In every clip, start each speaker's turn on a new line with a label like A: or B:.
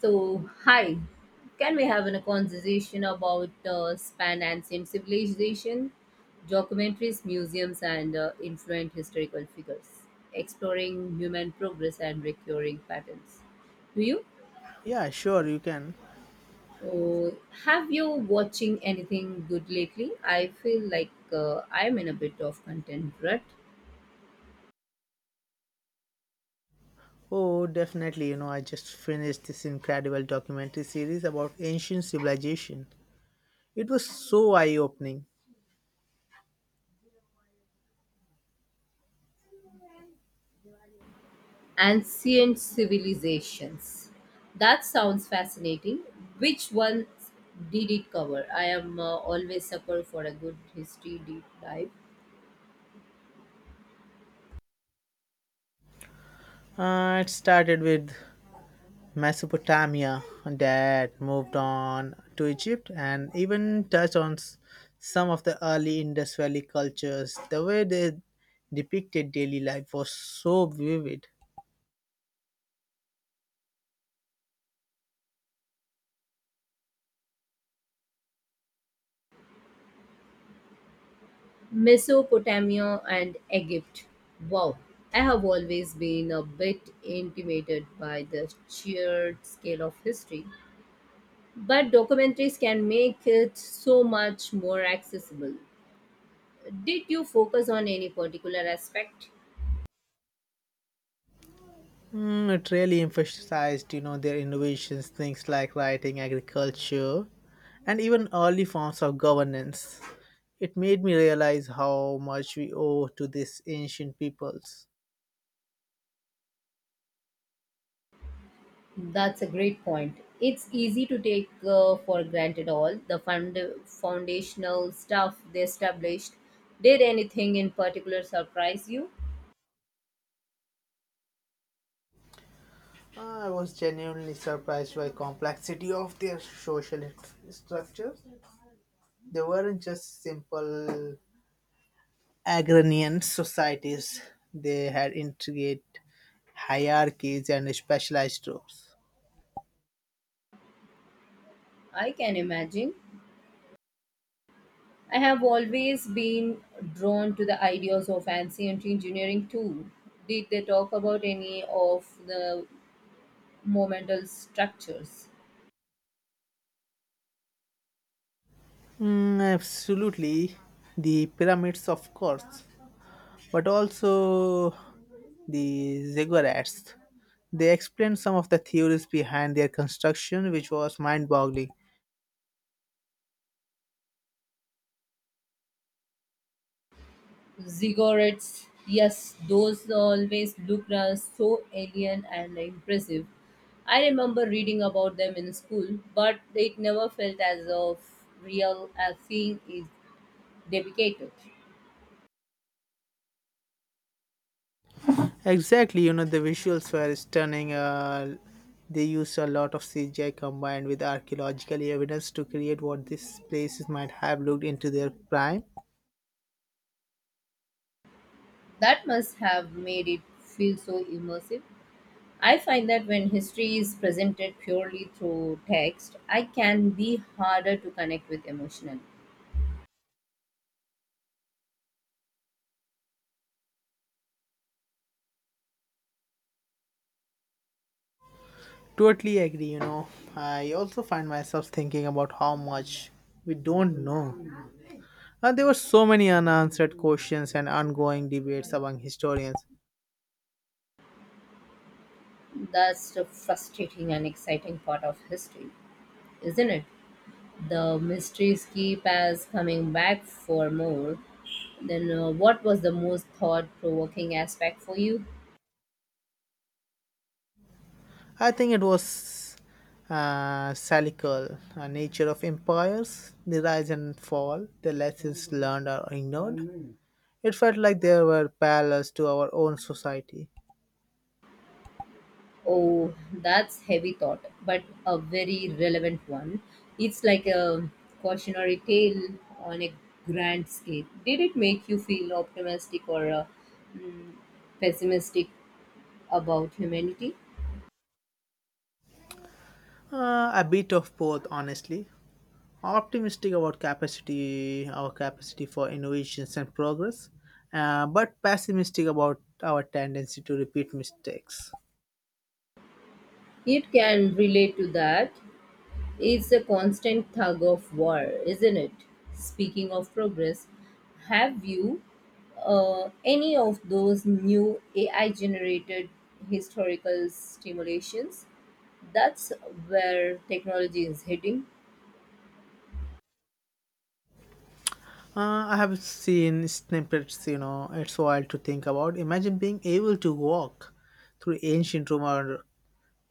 A: So, hi, can we have a conversation about span and same civilization, documentaries, museums, and influent historical figures, exploring human progress and recurring patterns? Do you?
B: Yeah, sure, you can.
A: Uh, have you watching anything good lately? I feel like I'm in a bit of content rut.
B: Oh, definitely. I just finished this incredible documentary series about ancient civilization. It was so eye opening.
A: Ancient civilizations. That sounds fascinating. Which one did it cover? I am always sucker for a good history deep dive.
B: It started with Mesopotamia, that moved on to Egypt, and even touched on some of the early Indus Valley cultures. The way they depicted daily life was so vivid.
A: Mesopotamia and Egypt. Wow. I have always been a bit intimidated by the sheer scale of history, but documentaries can make it so much more accessible. Did you focus on any particular aspect?
B: Mm, it really emphasized, their innovations, things like writing, agriculture, and even early forms of governance. It made me realize how much we owe to these ancient peoples.
A: That's a great point. It's easy to take for granted all the foundational stuff they established. Did anything in particular surprise you?
B: I was genuinely surprised by complexity of their social structures. They weren't just simple agrarian societies. They had intricate hierarchies and specialized groups.
A: I can imagine. I have always been drawn to the ideas of ancient engineering too. Did they talk about any of the momental structures?
B: Mm, absolutely, the pyramids, of course, but also the ziggurats. They explained some of the theories behind their construction, which was mind-boggling.
A: Ziggurats. Yes, those always look so alien and impressive. I remember reading about them in school, but it never felt as of real as seeing is dedicated.
B: Exactly, the visuals were stunning. They used a lot of CGI combined with archaeological evidence to create what these places might have looked into their prime.
A: That must have made it feel so immersive. I find that when history is presented purely through text, I can be harder to connect with emotionally.
B: Totally agree. I also find myself thinking about how much we don't know. And there were so many unanswered questions and ongoing debates among historians.
A: That's the frustrating and exciting part of history, isn't it? The mysteries keep us coming back for more. Then, what was the most thought provoking aspect for you?
B: I think it was cyclical nature of empires, the rise and fall, the lessons learned or ignored. It felt like there were parallels to our own society.
A: Oh, that's heavy thought, but a very relevant one. It's like a cautionary tale on a grand scale. Did it make you feel optimistic or mm, pessimistic about humanity?
B: A bit of both, honestly. Optimistic about capacity, our capacity for innovations and progress, but pessimistic about our tendency to repeat mistakes.
A: It can relate to that. It's a constant tug of war, isn't it? Speaking of progress, have you any of those new AI generated historical stimulations? That's where technology is heading.
B: I have seen snippets, it's wild to think about. Imagine being able to walk through ancient Rome or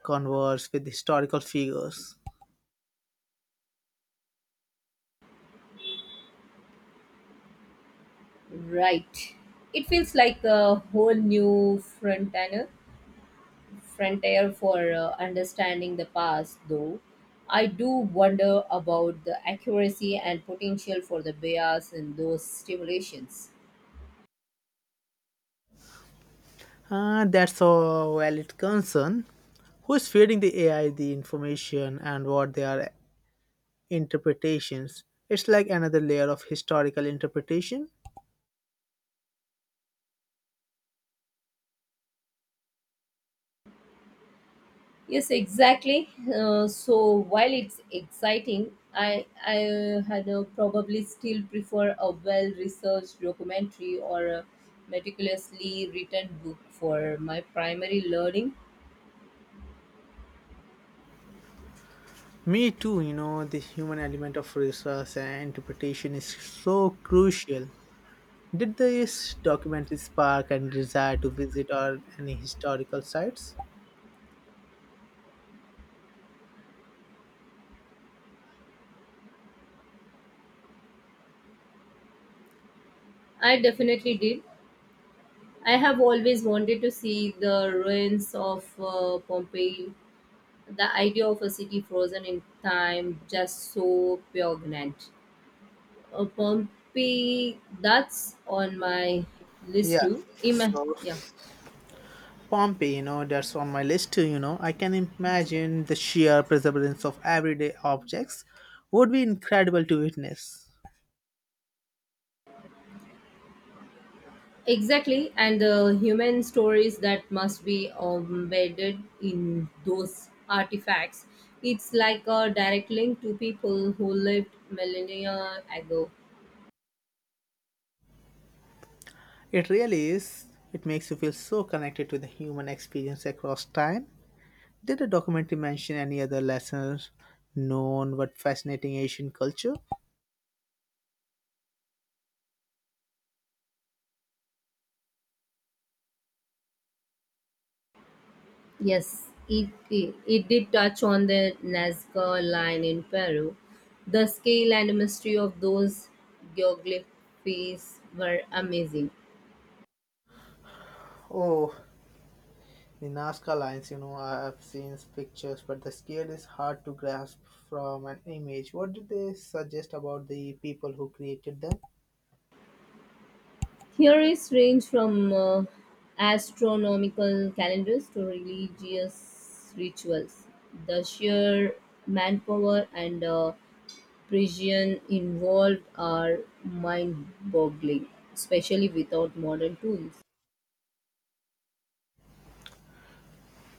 B: converse with historical figures.
A: Right. It feels like a whole new frontier for understanding the past, though. I do wonder about the accuracy and potential for the bias in those stimulations.
B: That's a valid concern. Who is feeding the AI the information and what their interpretations? It's like another layer of historical interpretation.
A: Yes, exactly. So while it's exciting, I had probably still prefer a well-researched documentary or a meticulously written book for my primary learning.
B: Me too, the human element of research and interpretation is so crucial. Did this documentary spark any desire to visit or any historical sites?
A: I definitely did. I have always wanted to see the ruins of Pompeii. The idea of a city frozen in time just so poignant. Pompeii, that's on my list
B: Yeah.
A: too.
B: So
A: Yeah.
B: Pompeii, that's on my list too. I can imagine the sheer perseverance of everyday objects would be incredible to witness.
A: Exactly, and the human stories that must be embedded in those artifacts. It's like a direct link to people who lived millennia ago.
B: It really is. It makes you feel so connected to the human experience across time. Did the documentary mention any other lessons known but fascinating Asian culture?
A: Yes, it did touch on the Nazca line in Peru. The scale and mystery of those geographies were amazing.
B: Oh, the Nazca lines, I have seen pictures, but the scale is hard to grasp from an image. What did they suggest about the people who created them?
A: Theories range from astronomical calendars to religious rituals. The sheer manpower and precision involved are mind boggling, especially without modern tools.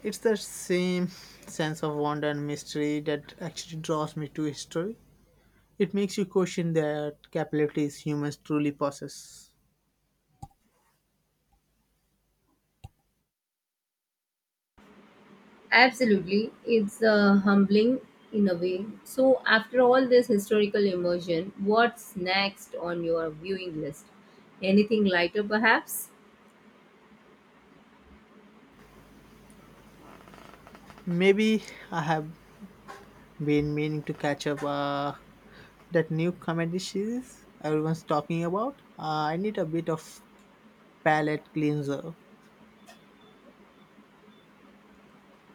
B: It's the same sense of wonder and mystery that actually draws me to history. It makes you question the capabilities humans truly possess.
A: Absolutely, it's humbling in a way. So, after all this historical immersion, what's next on your viewing list? Anything lighter, perhaps?
B: Maybe I have been meaning to catch up that new comedy series everyone's talking about. I need a bit of palate cleanser.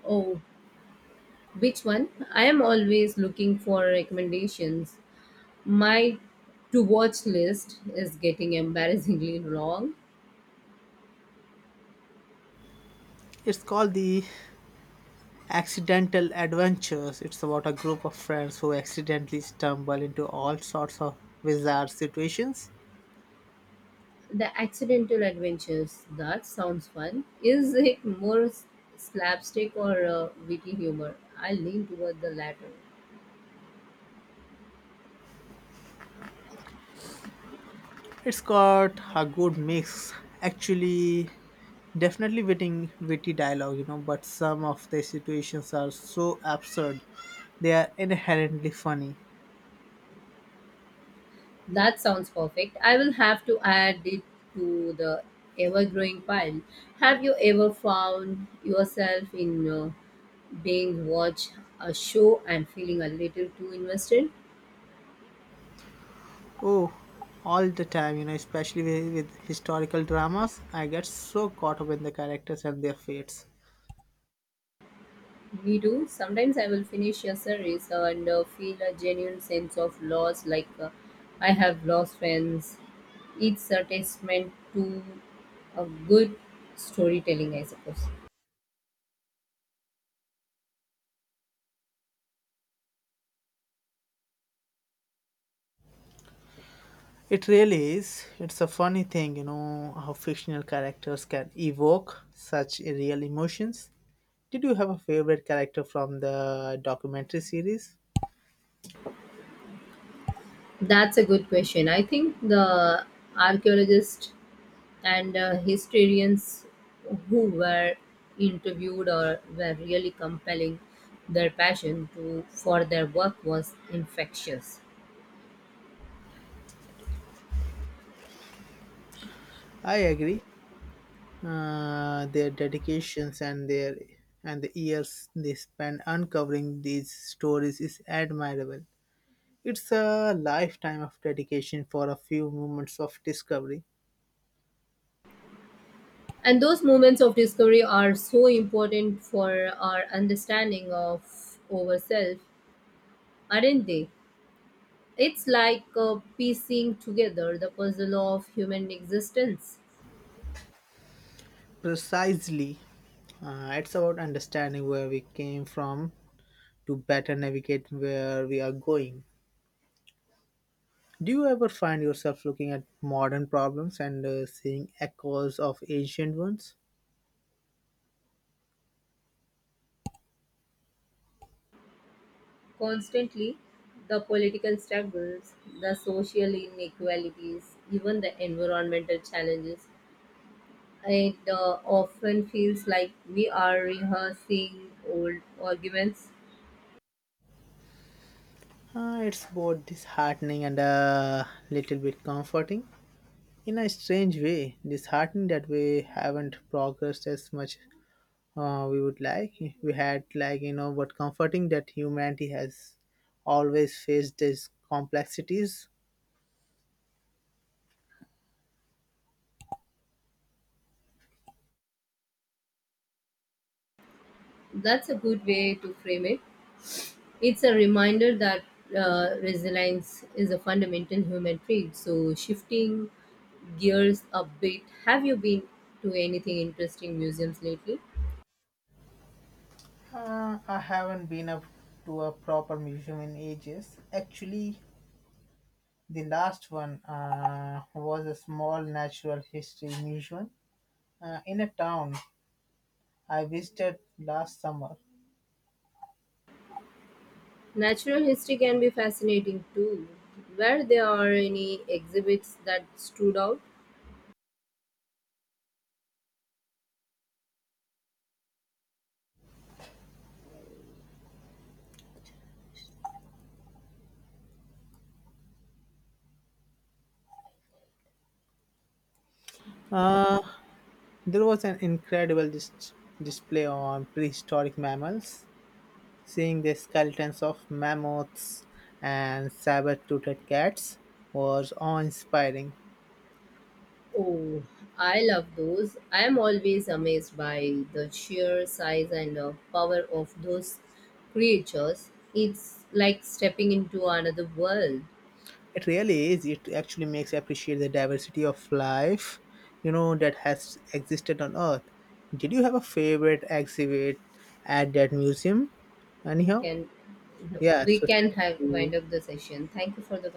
A: Oh, which one? I am always looking for recommendations. My to watch list is getting embarrassingly long.
B: It's called The Accidental Adventures. It's about a group of friends who accidentally stumble into all sorts of bizarre situations.
A: The Accidental Adventures, that sounds fun. Is it more slapstick or witty humor? I lean toward the latter.
B: It's got a good mix. Actually, definitely witty dialogue, but some of the situations are so absurd. They are inherently funny.
A: That sounds perfect. I will have to add it to the ever growing pile. Have you ever found yourself in being watch a show and feeling a little too invested?
B: Oh, all the time, especially with historical dramas. I get so caught up in the characters and their fates.
A: We do. Sometimes I will finish a series and feel a genuine sense of loss, like I have lost friends. It's a testament to a good storytelling, I suppose.
B: It really is. It's a funny thing, how fictional characters can evoke such real emotions. Did you have a favorite character from the documentary series?
A: That's a good question. I think the archaeologists and historians who were interviewed or were really compelling, their passion to for their work was infectious.
B: I agree. Their dedications and the years they spend uncovering these stories is admirable. It's a lifetime of dedication for a few moments of discovery.
A: And those moments of discovery are so important for our understanding of ourselves, aren't they? It's like piecing together the puzzle of human existence
B: Precisely. It's about understanding where we came from to better navigate where we are going. Do you ever find yourself looking at modern problems and seeing echoes of ancient ones?
A: constantly. The political struggles, the social inequalities, even the environmental challenges. It often feels like we are rehearsing old arguments.
B: It's both disheartening and a little bit comforting. In a strange way, disheartening that we haven't progressed as much we would like. We had, like, you know, but comforting that humanity has always faced these complexities.
A: That's a good way to frame it. It's a reminder that resilience is a fundamental human trait. So, shifting gears a bit, have you been to anything interesting museums lately?
B: I haven't been up to a proper museum in ages. Actually, the last one was a small natural history museum in a town I visited last summer.
A: Natural history can be fascinating too. Where there are any exhibits that stood out?
B: Uh, there was an incredible display on prehistoric mammals, seeing the skeletons of mammoths and saber toothed cats was awe inspiring.
A: Oh, I love those. I am always amazed by the sheer size and power of those creatures. It's like stepping into another world.
B: It really is. It actually makes you appreciate the diversity of life, that has existed on Earth. Did you have a favorite exhibit at that museum?
A: we
B: Anyhow,
A: can
B: yeah.
A: we
B: So
A: can
B: thank
A: have
B: you.
A: wind up the session. Thank you for the